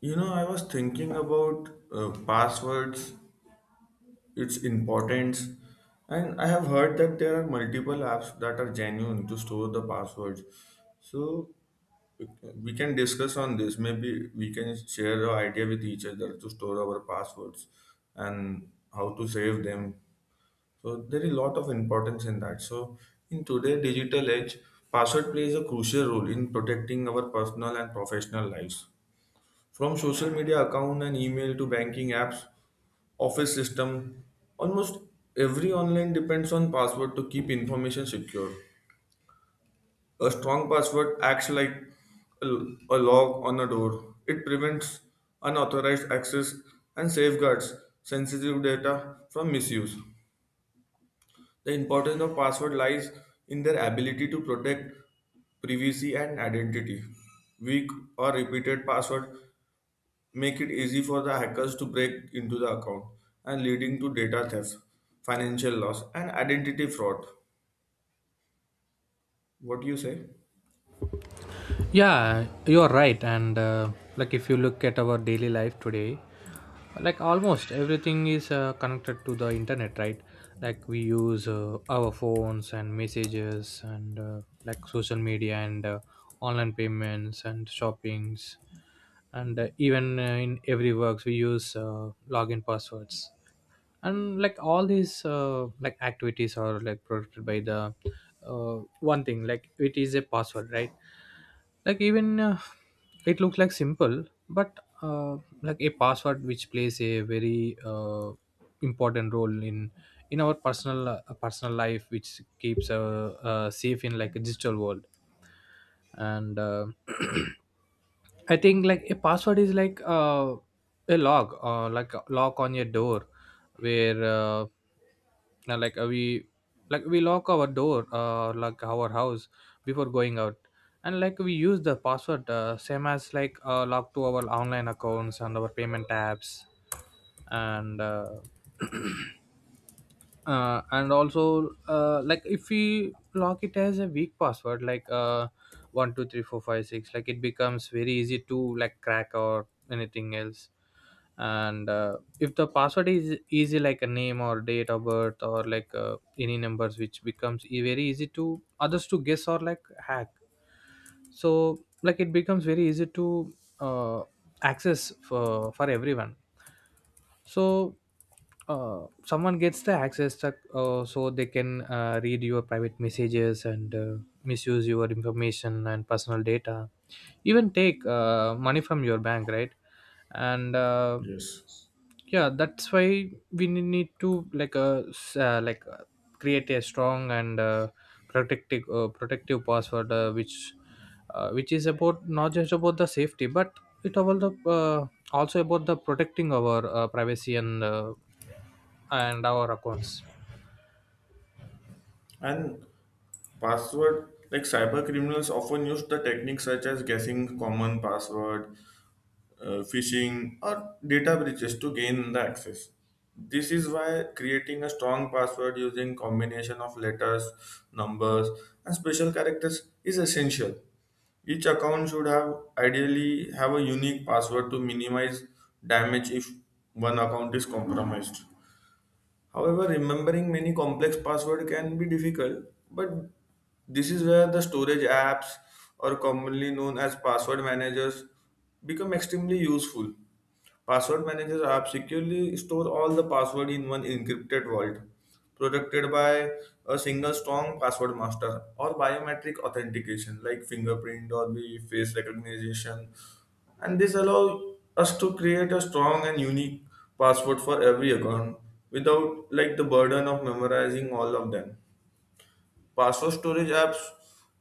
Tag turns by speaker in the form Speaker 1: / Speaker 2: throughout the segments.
Speaker 1: You know, I was thinking about passwords, its importance, and I have heard that there are multiple apps that are genuine to store the passwords. So uh, we can discuss on this. Maybe we can share our idea with each other to store our passwords and how to save them. So there is a lot of importance in that. So in today's digital age, password plays a crucial role in protecting our personal and professional lives. From social media account and email to banking apps, office system, almost every online depends on password to keep information secure. A strong password acts like a a lock on a door. It prevents unauthorized access and safeguards sensitive data from misuse. The importance of password lies in their ability to protect privacy and identity. Weak or repeated password make it easy for the hackers to break into the account and leading to data theft, financial loss, and identity fraud. What do you say?
Speaker 2: Yeah, you're right, and like if you look at our daily life today, like almost everything is connected to the internet, right? Like we use our phones and messages and like social media and online payments and shoppings, and even in every works we use login passwords, and like all these like activities are like protected by the one thing, like it is a password, right? Like even it looks like simple, but like a password which plays a very important role in our personal life, which keeps safe in like a digital world, and I think like a password is like a lock, like a lock on your door, where now, like we lock our door, like our house before going out, and like we use the password same as like lock to our online accounts and our payment apps, and and also like if we lock it as a weak password, like 123456, like it becomes very easy to like crack or anything else. And if the password is easy, like a name or date of birth or like any numbers, which becomes very easy to others to guess or like hack. So like it becomes very easy to uh, access for everyone. So someone gets the access to, so they can read your private messages and misuse your information and personal data, even take money from your bank, right? And
Speaker 1: Yes.
Speaker 2: yeah, that's why we need to like create a strong and protective password, which is about, not just about the safety but it about the also about the protecting our privacy and our accounts.
Speaker 1: And password, like cyber criminals often use the techniques such as guessing common password, phishing, or data breaches to gain the access. This is why creating a strong password using combination of letters, numbers, and special characters is essential. Each account should have ideally have a unique password to minimize damage if one account is compromised. However, remembering many complex passwords can be difficult, but this is where the storage apps or commonly known as password managers become extremely useful. Password Manager app securely store all the password in one encrypted vault, protected by a single strong password master or biometric authentication like fingerprint or the face recognition. And this allows us to create a strong and unique password for every account without like the burden of memorizing all of them. Password storage apps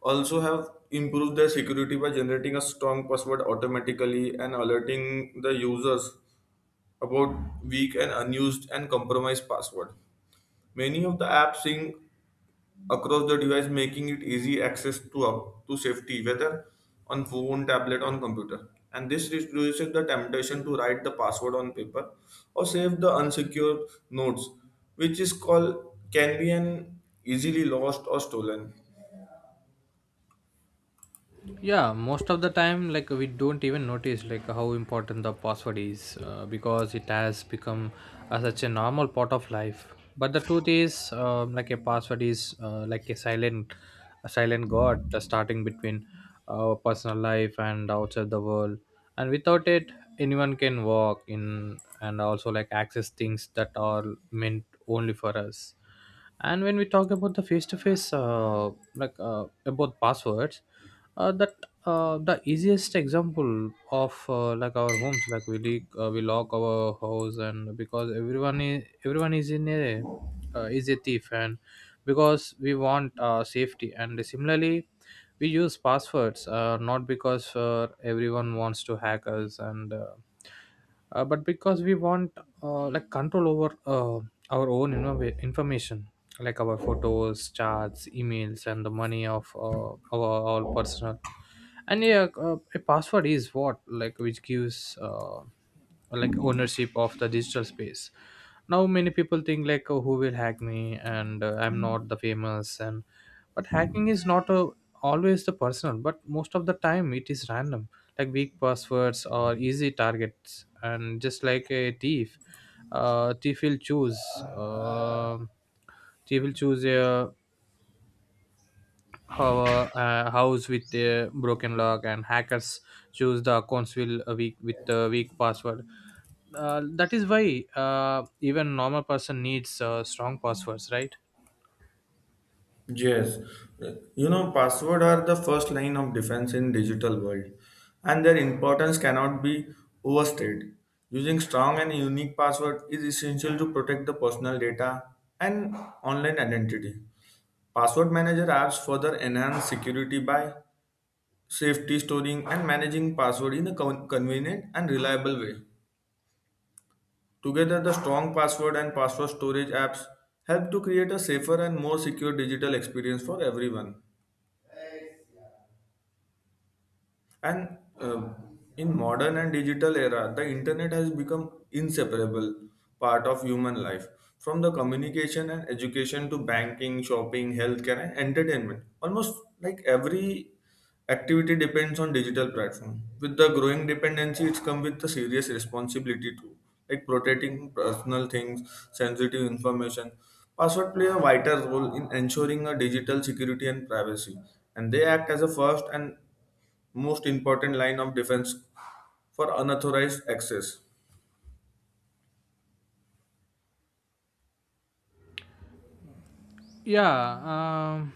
Speaker 1: also have improved their security by generating a strong password automatically and alerting the users about weak and unused and compromised password. Many of the apps sync across the device, making it easy access to up to safety, whether on phone, tablet, on computer. And this reduces the temptation to write the password on paper or save the unsecured notes, which is called can be an easily lost or stolen.
Speaker 2: Yeah, most of the time, like we don't even notice like how important the password is, because it has become such a normal part of life, but the truth is, like a password is, like a silent god, starting between our personal life and outside the world. And without it, anyone can walk in and also like access things that are meant only for us. And when we talk about the face-to-face, like about passwords, that the easiest example of like our homes, like we lock our house, and because everyone is in a is a thief, and because we want safety. And similarly we use passwords, not because everyone wants to hack us, and but because we want like control over our own information, like our photos, charts, emails, and the money of our all personal. And yeah, a password is what, like which gives like ownership of the digital space. Now many people think, like, oh, who will hack me? And I'm not the famous. And but hacking is not always the personal, but most of the time it is random, like weak passwords or easy targets. And just like a thief, uh, thief will choose uh, thief will choose house with a broken lock, and hackers choose the accounts will weak with the weak password. That is why even normal person needs strong passwords, right?
Speaker 1: Yes, you know, password are the first line of defense in digital world, and their importance cannot be overstated. Using strong and unique password is essential to protect the personal data and online identity. Password manager apps further enhance security by safety storing and managing password in a convenient and reliable way. Together, the strong password and password storage apps help to create a safer and more secure digital experience for everyone. And in modern and digital era, the internet has become inseparable part of human life. From the communication and education to banking, shopping, healthcare, and entertainment, almost like every activity depends on digital platform. With the growing dependency, it's come with the serious responsibility too, like protecting personal things, sensitive information. Password play a vital role in ensuring a digital security and privacy, and they act as a first and most important line of defense for unauthorized access.
Speaker 2: Yeah. um,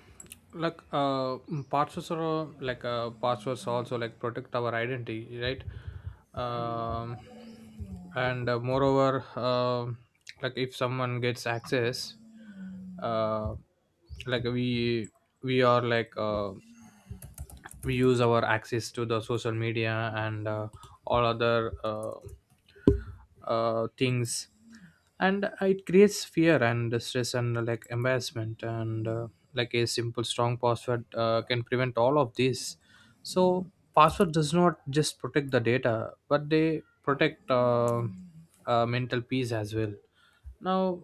Speaker 2: like passwords also like protect our identity, right? um, and moreover, like if someone gets access, uh, like we are like we use our access to the social media and all other things, and it creates fear and stress and like embarrassment, and like a simple strong password can prevent all of this. So password does not just protect the data, but they protect mental peace as well. Now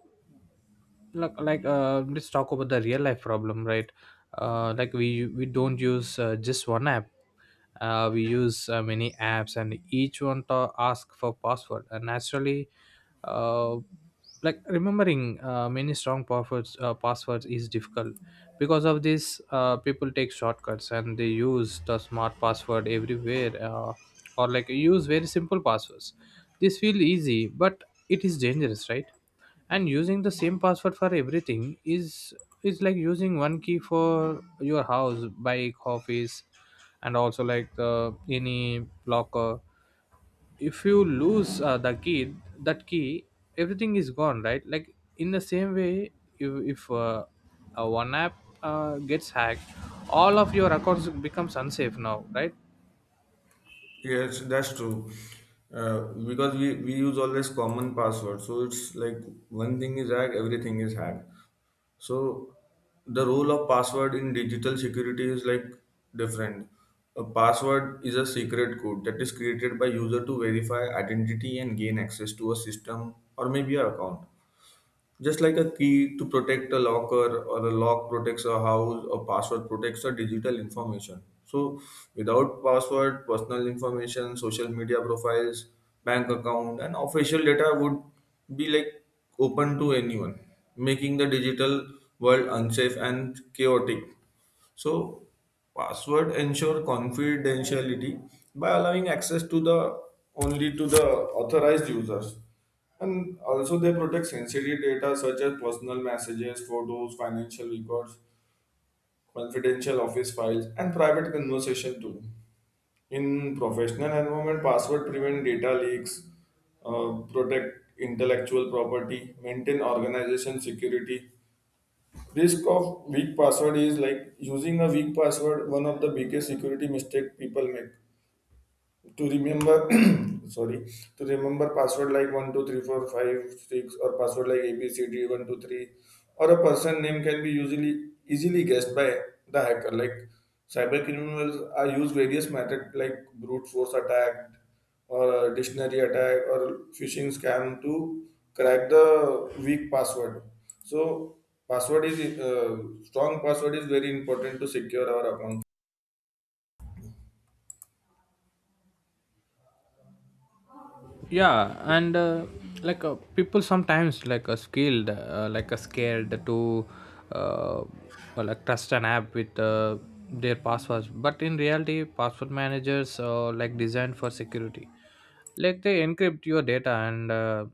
Speaker 2: look, like let's talk about the real life problem, right? Like we don't use just one app. We use many apps, and each one to ask for password, and naturally, uh like remembering many strong passwords is difficult. Because of this, people take shortcuts and they use the smart password everywhere, or like use very simple passwords. This feel easy, but it is dangerous, right? And using the same password for everything is like using one key for your house, bike, office, and also like the any locker. If you lose the key, that key, everything is gone, right? Like in the same way, if one app gets hacked, all of your accounts becomes unsafe now, right?
Speaker 1: Yes, that's true. Uh, because we use always common password, so it's like one thing is hacked, everything is hacked. So the role of password in digital security is like different. A password is a secret code that is created by user to verify identity and gain access to a system or maybe your account. Just like a key to protect a locker or a lock protects a house, a password protects a digital information. So without password, personal information, social media profiles, bank account and official data would be like open to anyone, making the digital world unsafe and chaotic. So password ensure confidentiality by allowing access to the only to the authorized users. And also they protect sensitive data such as personal messages, photos, financial records, confidential office files, and private conversation too. In professional environment, password prevent data leaks, protect intellectual property, maintain organization security, risk of weak password is like using a weak password one of the biggest security mistake people make to remember sorry to remember password like 1 2 3 4 5 6 or password like abcd 1 2 3 or a person name can be usually easily guessed by the hacker like cyber criminals are use various methods like brute force attack or dictionary attack or phishing scam to crack the weak password. So password is strong password is very important to secure our account.
Speaker 2: Yeah, and like people sometimes like a scared to uh, well, like trust an app with their passwords, but in reality password managers are like designed for security. Like they encrypt your data, and uh,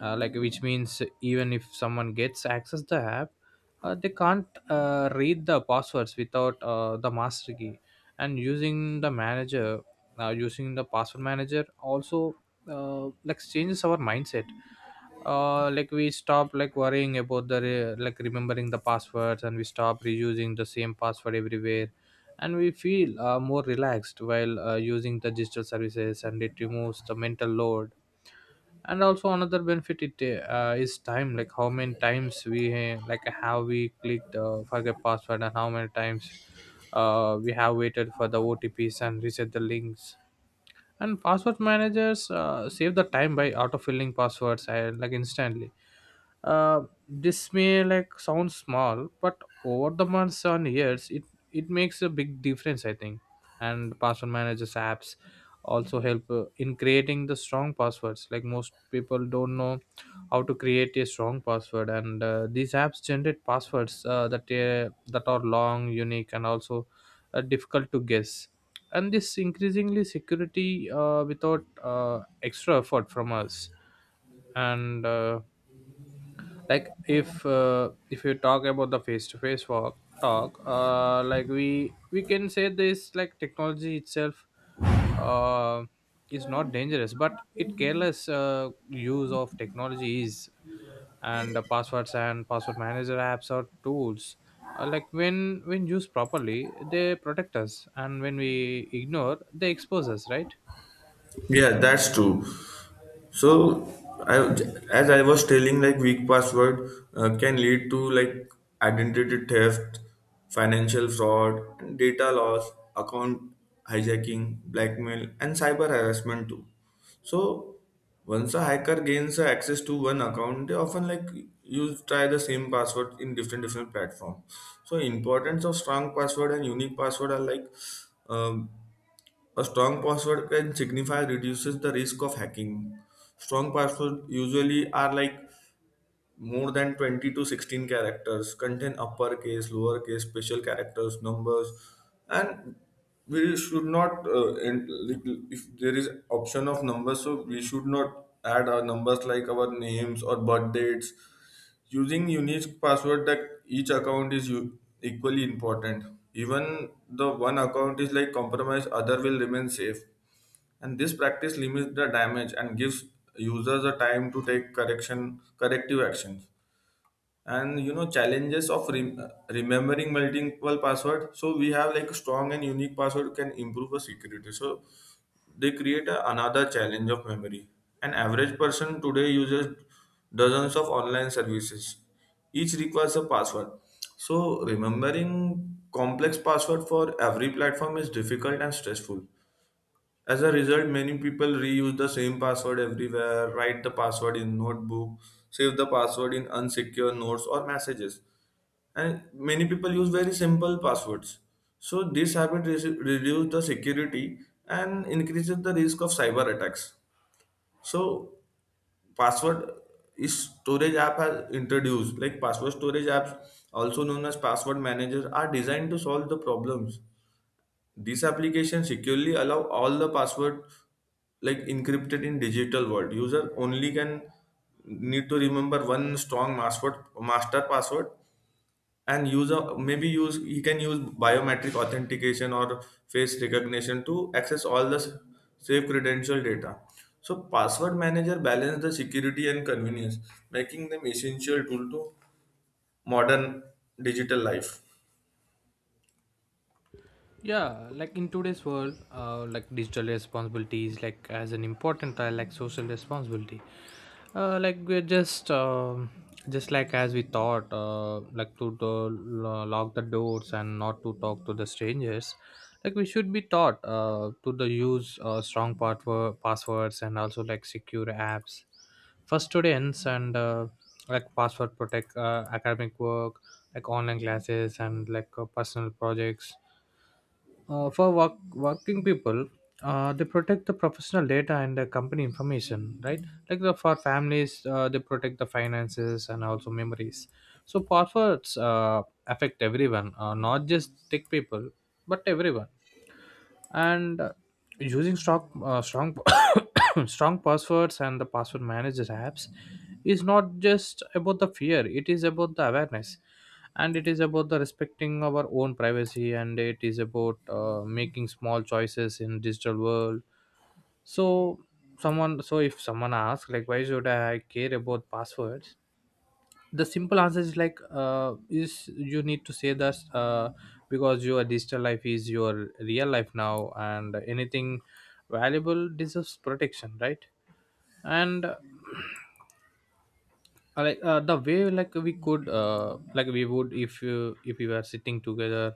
Speaker 2: uh, like which means even if someone gets access the app, they can't read the passwords without the master key. And using the password manager also like changes our mindset. Like we stop like worrying about the like remembering the passwords, and we stop reusing the same password everywhere. And we feel more relaxed while using the digital services, and it removes the mental load. And also another benefit, it is time, like how many times we like how we clicked forget password, and how many times we have waited for the OTPs and reset the links. And password managers save the time by autofilling passwords and like instantly, uh, this may like sound small, but over the months and years it makes a big difference, I think. And password managers apps also help in creating the strong passwords, like most people don't know how to create a strong password, and these apps generate passwords that are long, unique, and also difficult to guess. And this increasingly security without extra effort from us. And like if you talk about the face to face walk talk, like we can say this, like technology itself uh, is not dangerous, but it careless use of technology is. And the passwords and password manager apps or tools, like when used properly, they protect us, and when we ignore, they expose us, right?
Speaker 1: Yeah, that's true. So I, as I was telling, like weak password can lead to like identity theft, financial fraud, and data loss, account hijacking, blackmail, and cyber harassment too. So once a hacker gains access to one account, they often like use try the same password in different different platform. So importance of strong password and unique password are like um, a strong password can signify reduces the risk of hacking. Strong password usually are like more than 20 to 16 characters, contain uppercase, lowercase, special characters, numbers, and we should not and like, if there is option of numbers, so we should not add our numbers like our names or birth dates. Using unique password that each account is equally important. Even the one account is like compromised, other will remain safe and this practice limits the damage and gives users a time to take correction corrective actions. And you know challenges of remembering multiple password, so we have like strong and unique password can improve the security, so they create a, another challenge of memory. An average person today uses dozens of online services, each requires a password. So remembering complex password for every platform is difficult and stressful. As a result, many people reuse the same password everywhere, write the password in notebook, save the password in unsecure notes or messages. And many people use very simple passwords. So this habit reduces the security and increases the risk of cyber attacks. So password is storage app has introduced like password storage apps also known as password managers are designed to solve the problems. These applications securely allow all the password like encrypted in digital world. User only can need to remember one strong password, master password, and user maybe use he can use biometric authentication or face recognition to access all the safe credential data. So password manager balance the security and convenience, making them essential tool to modern digital life.
Speaker 2: Yeah, like in today's world, like digital responsibility is like as an important like social responsibility. Like we're just, just like as we thought, like lock the doors and not to talk to the strangers, like we should be taught to the use strong passwords and also like secure apps. For students and like password protect academic work, like online classes and like personal projects. For work, working people, they protect the professional data and the company information, right? Like for families, they protect the finances and also memories. So passwords affect everyone, not just tech people, but everyone. And using strong strong passwords and the password manager apps is not just about the fear, it is about the awareness, and it is about the respecting our own privacy, and it is about making small choices in digital world. So someone so if someone asks, like, why should I care about passwords? The simple answer is, like is you need to say that because your digital life is your real life now, and anything valuable deserves protection, right? And like the way, like we could like we would, if we were sitting together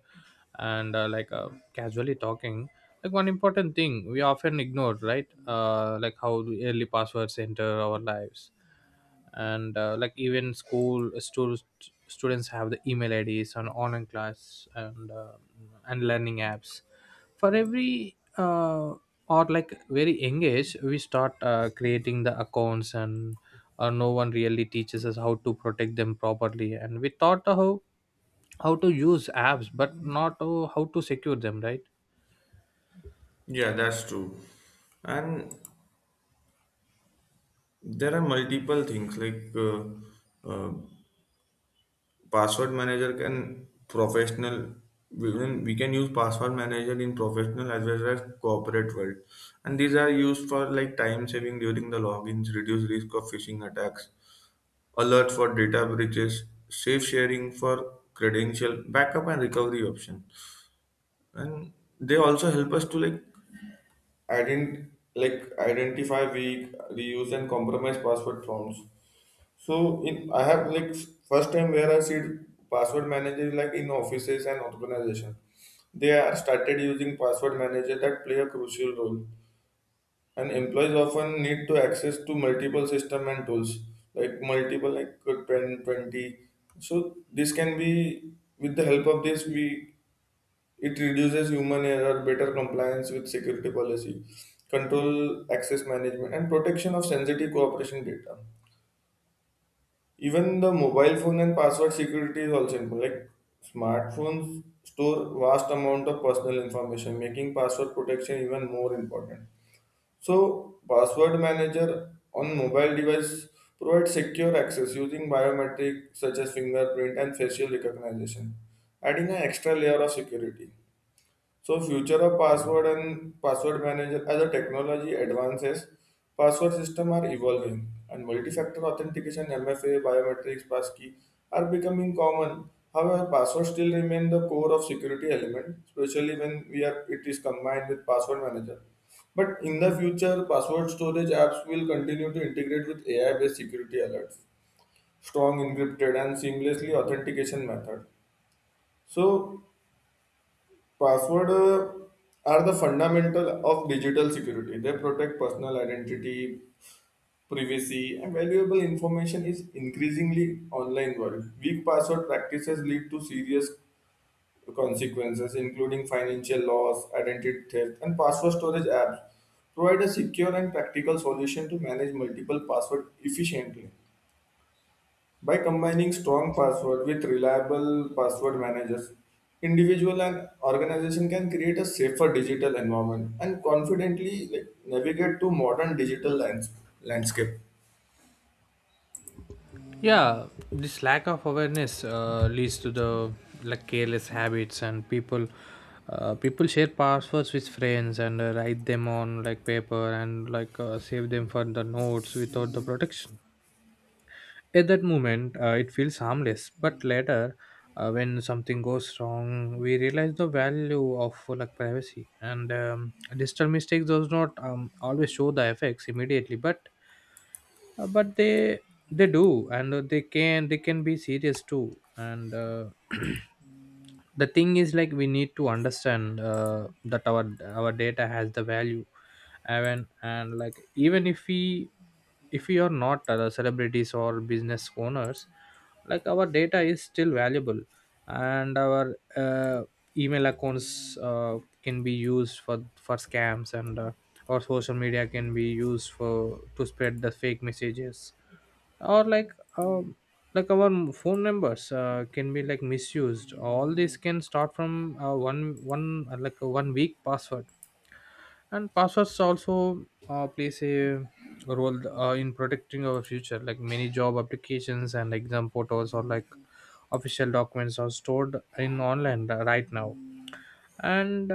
Speaker 2: and like casually talking, like one important thing we often ignore, right? Like how the early passwords enter our lives, and like even school students have the email IDs and online class, and learning apps, for every or like very engaged we start creating the accounts, and or no one really teaches us how to protect them properly. And we thought how to use apps, but not, oh, how to secure them, right?
Speaker 1: Yeah, that's true. And there are multiple things like uh, password manager can professional. We can use password manager in professional as well as corporate world, and these are used for like time saving during the logins, reduce risk of phishing attacks, alert for data breaches, safe sharing for credential, backup and recovery option, and they also help us to like ident like identify weak, reuse and compromised password prompts. So in I have like first time where I see password manager is like in offices and organization. They are started using password manager that play a crucial role. And employees often need to access to multiple system and tools, like multiple like 10 20. So this can be with the help of this we it reduces human error, better compliance with security policy, control access management and protection of sensitive cooperation data. Even the mobile phone and password security is also important. Like smartphones store vast amount of personal information, making password protection even more important. So password manager on mobile device provides secure access using biometric such as fingerprint and facial recognition, adding an extra layer of security. So future of password and password manager as the technology advances, password system are evolving and multi-factor authentication, MFA, biometrics, passkey are becoming common. However, password still remain the core of security element, especially when we are it is combined with password manager. But in the future, password storage apps will continue to integrate with AI-based security alerts, strong encrypted and seamlessly authentication method. So password are the fundamental of digital security. They protect personal identity, privacy, and valuable information is increasingly online world. Weak password practices lead to serious consequences, including financial loss, identity theft, and password storage apps. Provide a secure and practical solution to manage multiple passwords efficiently. By combining strong password with reliable password managers, individual and organization can create a safer digital environment and confidently like, navigate to modern digital landscape.
Speaker 2: Yeah, this lack of awareness leads to the like careless habits, and people share passwords with friends, and write them on like paper, and like save them for the notes without the protection. At that moment, it feels harmless, but later, when something goes wrong, we realize the value of like privacy and digital Mistakes does not always show the effects immediately, but they do, and they can, they can be serious too. And The thing is, like, we need to understand that our data has the value. And like, even if we are not celebrities or business owners, like, our data is still valuable. And our Email accounts can be used for scams, and or social media can be used for to spread the fake messages, or like, um, like, our phone numbers can be, like, misused. All this can start from one one like a one weak password. And passwords also plays a role in protecting our future, like many job applications and exam portals, or like official documents are stored in online right now. And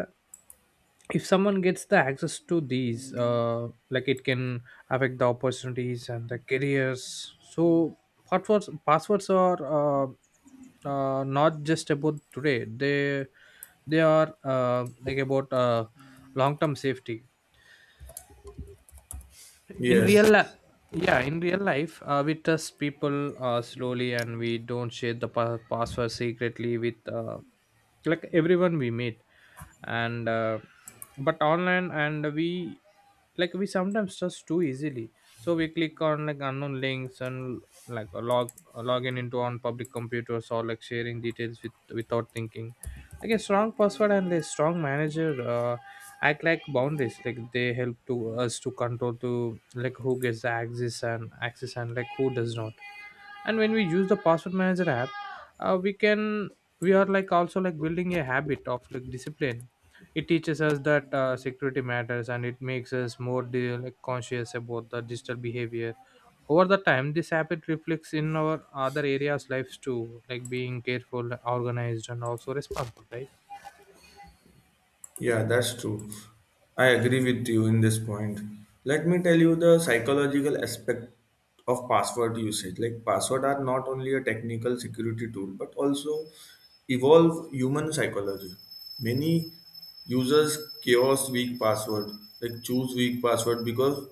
Speaker 2: if someone gets the access to these, like, it can affect the opportunities and the careers. So passwords, passwords are not just about today, they are like about long term safety in
Speaker 1: Yes.
Speaker 2: real life. Yeah, in real life, we trust people slowly, and we don't share the password secretly with, like, everyone we meet. And But online, and we, like, we sometimes trust too easily. So we click on, like, unknown links, and like a login into on public computers, or like sharing details with, without thinking. Like a strong password and a strong manager act like boundaries, like they help to us to control to, like, who gets the access and, like, who does not. And when we use the password manager app, uh, we can we are, like, also, like, building a habit of, like, discipline. It teaches us that security matters, and it makes us more like conscious about the digital behavior. Over the time, this habit reflects in our other areas lives too, like being careful, organized, and also responsible, right?
Speaker 1: Yeah, that's true. I agree with you in this point. Let me tell you the psychological aspect of password usage. Like password are not only a technical security tool but also evolve human psychology. Many users chaos weak password, like choose weak password because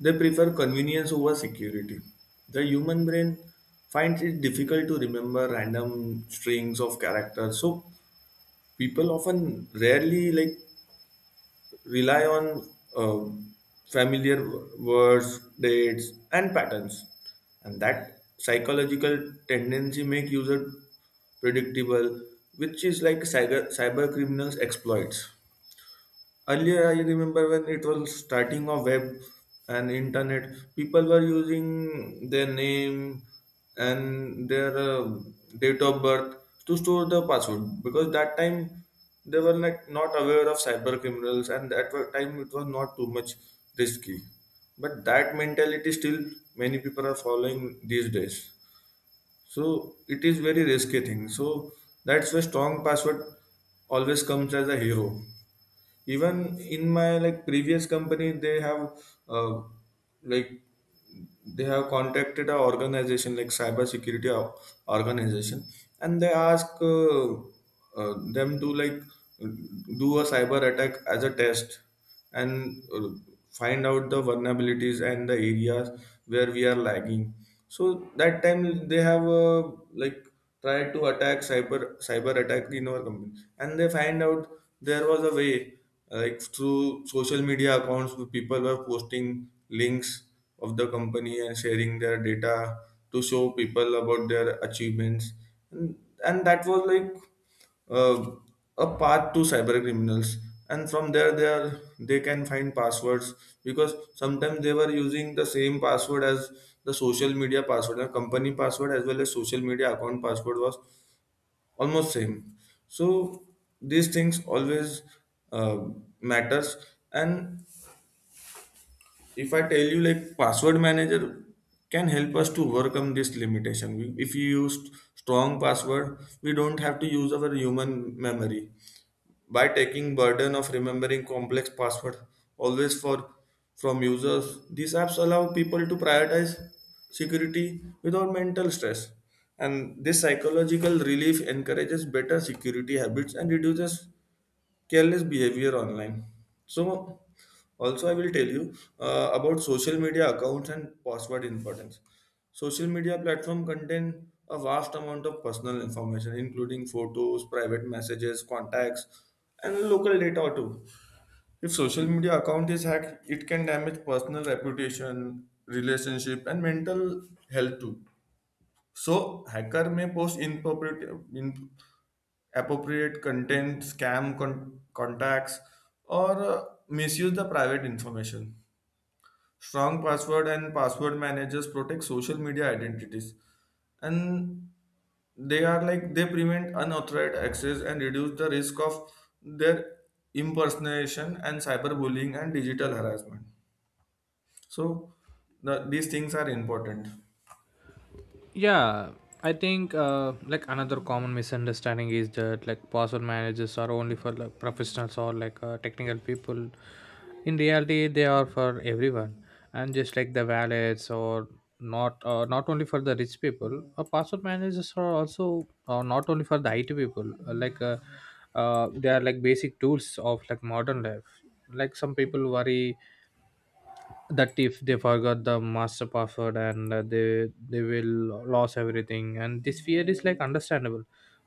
Speaker 1: they prefer convenience over security. The human brain finds it difficult to remember random strings of characters, so people often rarely like rely on um, familiar words, dates, and patterns. And that psychological tendency make user predictable, which is like cyber criminals exploits. Earlier I remember when it was starting of web and internet, people were using their name and their date of birth to store the password, because that time they were like not aware of cyber criminals, and at that time it was not too much risky. But that mentality still many people are following these days, so it is very risky thing. So that's why strong password always comes as a hero. Even in my like previous company, they have uh, like they have contacted a organization like organization, and they ask them to like do a cyber attack as a test, and find out the vulnerabilities and the areas where we are lagging. So that time they have like tried to attack cyber attack in our company, and they find out there was a way, like through social media accounts people were posting links of the company and sharing their data to show people about their achievements. And, and that was like uh, a path to cyber criminals, and from there they can find passwords, because sometimes they were using the same password as the social media password. The company password as well as social media account password was almost same. So these things always uh, matters. And if I tell you, like, password manager can help us to overcome this limitation. We- if you use strong password, we don't have to use our human memory. By taking burden of remembering complex password always for from users, these apps allow people to prioritize security without mental stress, and this psychological relief encourages better security habits and reduces careless behavior online. So, also I will tell you about social media accounts and password importance. Social media platform contain a vast amount of personal information, including photos, private messages, contacts, and local data too. If social media account is hacked, it can damage personal reputation, relationship, and mental health too. So, hacker may post inappropriate, appropriate content, scam contacts, or misuse the private information. Strong password and password managers protect social media identities, and they are like they prevent unauthorized access and reduce the risk of their impersonation and cyberbullying and digital harassment. So these things are important.
Speaker 2: Yeah, I think like another common misunderstanding is that, like, password managers are only for, like, professionals, or like technical people. In reality, they are for everyone, and just like the wallets, or not not only for the rich people. Password managers are also not only for the IT people. They are, like, basic tools of, like, modern life. Like, some people worry that if they forgot the master password, and they will lose everything, and this fear is, like, understandable,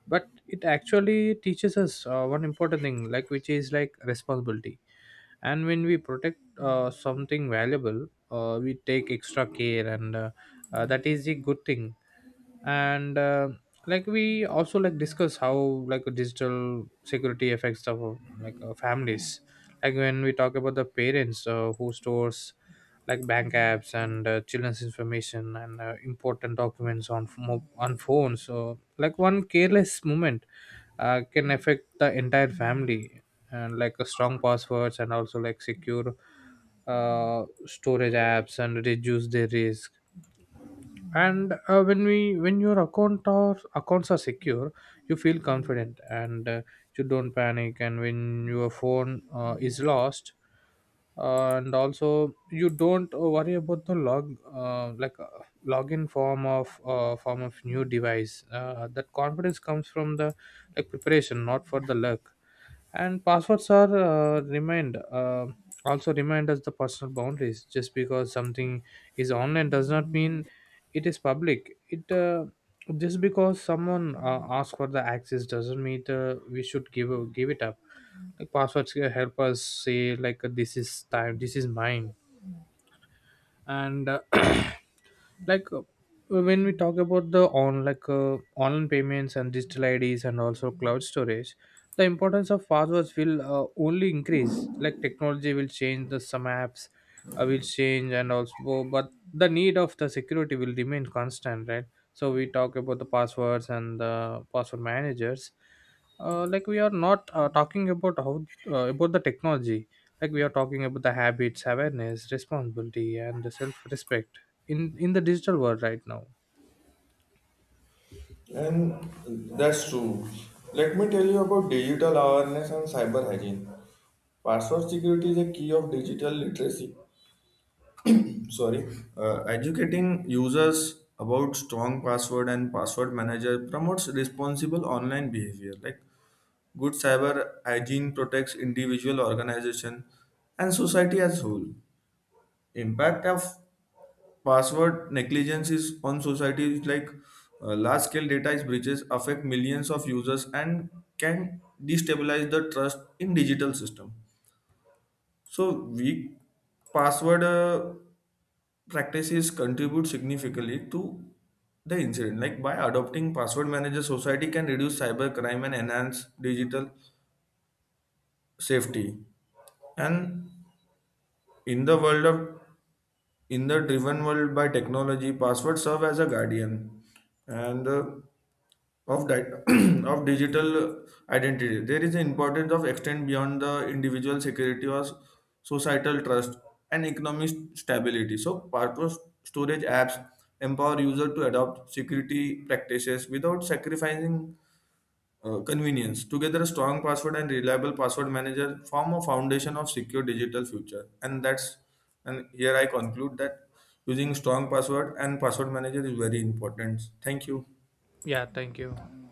Speaker 2: but it actually teaches us one important thing, like, which is, like, responsibility. And when we protect something valuable, we take extra care, and that is a good thing. And like, we also, like, discuss how, like, digital security affects our, like, families. Like when we talk about the parents who stores, like, bank apps, and children's information, and important documents on on phones. So, like, one careless moment can affect the entire family. And like a strong passwords, and also, like, secure storage apps, and reduce their risk. And when your account or accounts are secure, you feel confident, and you don't panic. And when your phone is lost, and also you don't worry about the login form of, form of new device. That confidence comes from the, like, preparation, not for the luck. And passwords are, remind also remind us the personal boundaries. Just because something is online does not mean it is public. It Just because someone asks for the access doesn't mean we should give it up. Like passwords can help us say, like, this is time, this is mine. And like uh, when we talk about the on, like, online payments, and digital IDs, and also cloud storage, the importance of passwords will only increase. Like, technology will change, the some apps will change, and also, but the need of the security will remain constant, right? So we talk about the passwords and the password managers. Like, we are not talking about how, about the technology. Like, we are talking about the habits, awareness, responsibility, and the self-respect in the digital world right now.
Speaker 1: And that's true. Let me tell you about digital awareness and cyber hygiene. Password security is a key of digital literacy. Sorry, educating users about strong password and password manager promotes responsible online behavior. Like good cyber hygiene protects individual, organization, and society as whole. Impact of password negligence is on society is like large scale data is breaches affect millions of users and can destabilize the trust in digital system. So weak password. Practices contribute significantly to the incident. Like by adopting password manager, society can reduce cyber crime and enhance digital safety. And in the world of in the driven world by technology, passwords serve as a guardian, and of di of digital identity. There is an importance of extend beyond the individual security or societal trust and economic stability. So purpose storage apps empower user to adopt security practices without sacrificing convenience. Together a strong password and reliable password manager form a foundation of secure digital future, and that's and here I conclude that using strong password and password manager is very important. Thank you.
Speaker 2: Yeah, thank you.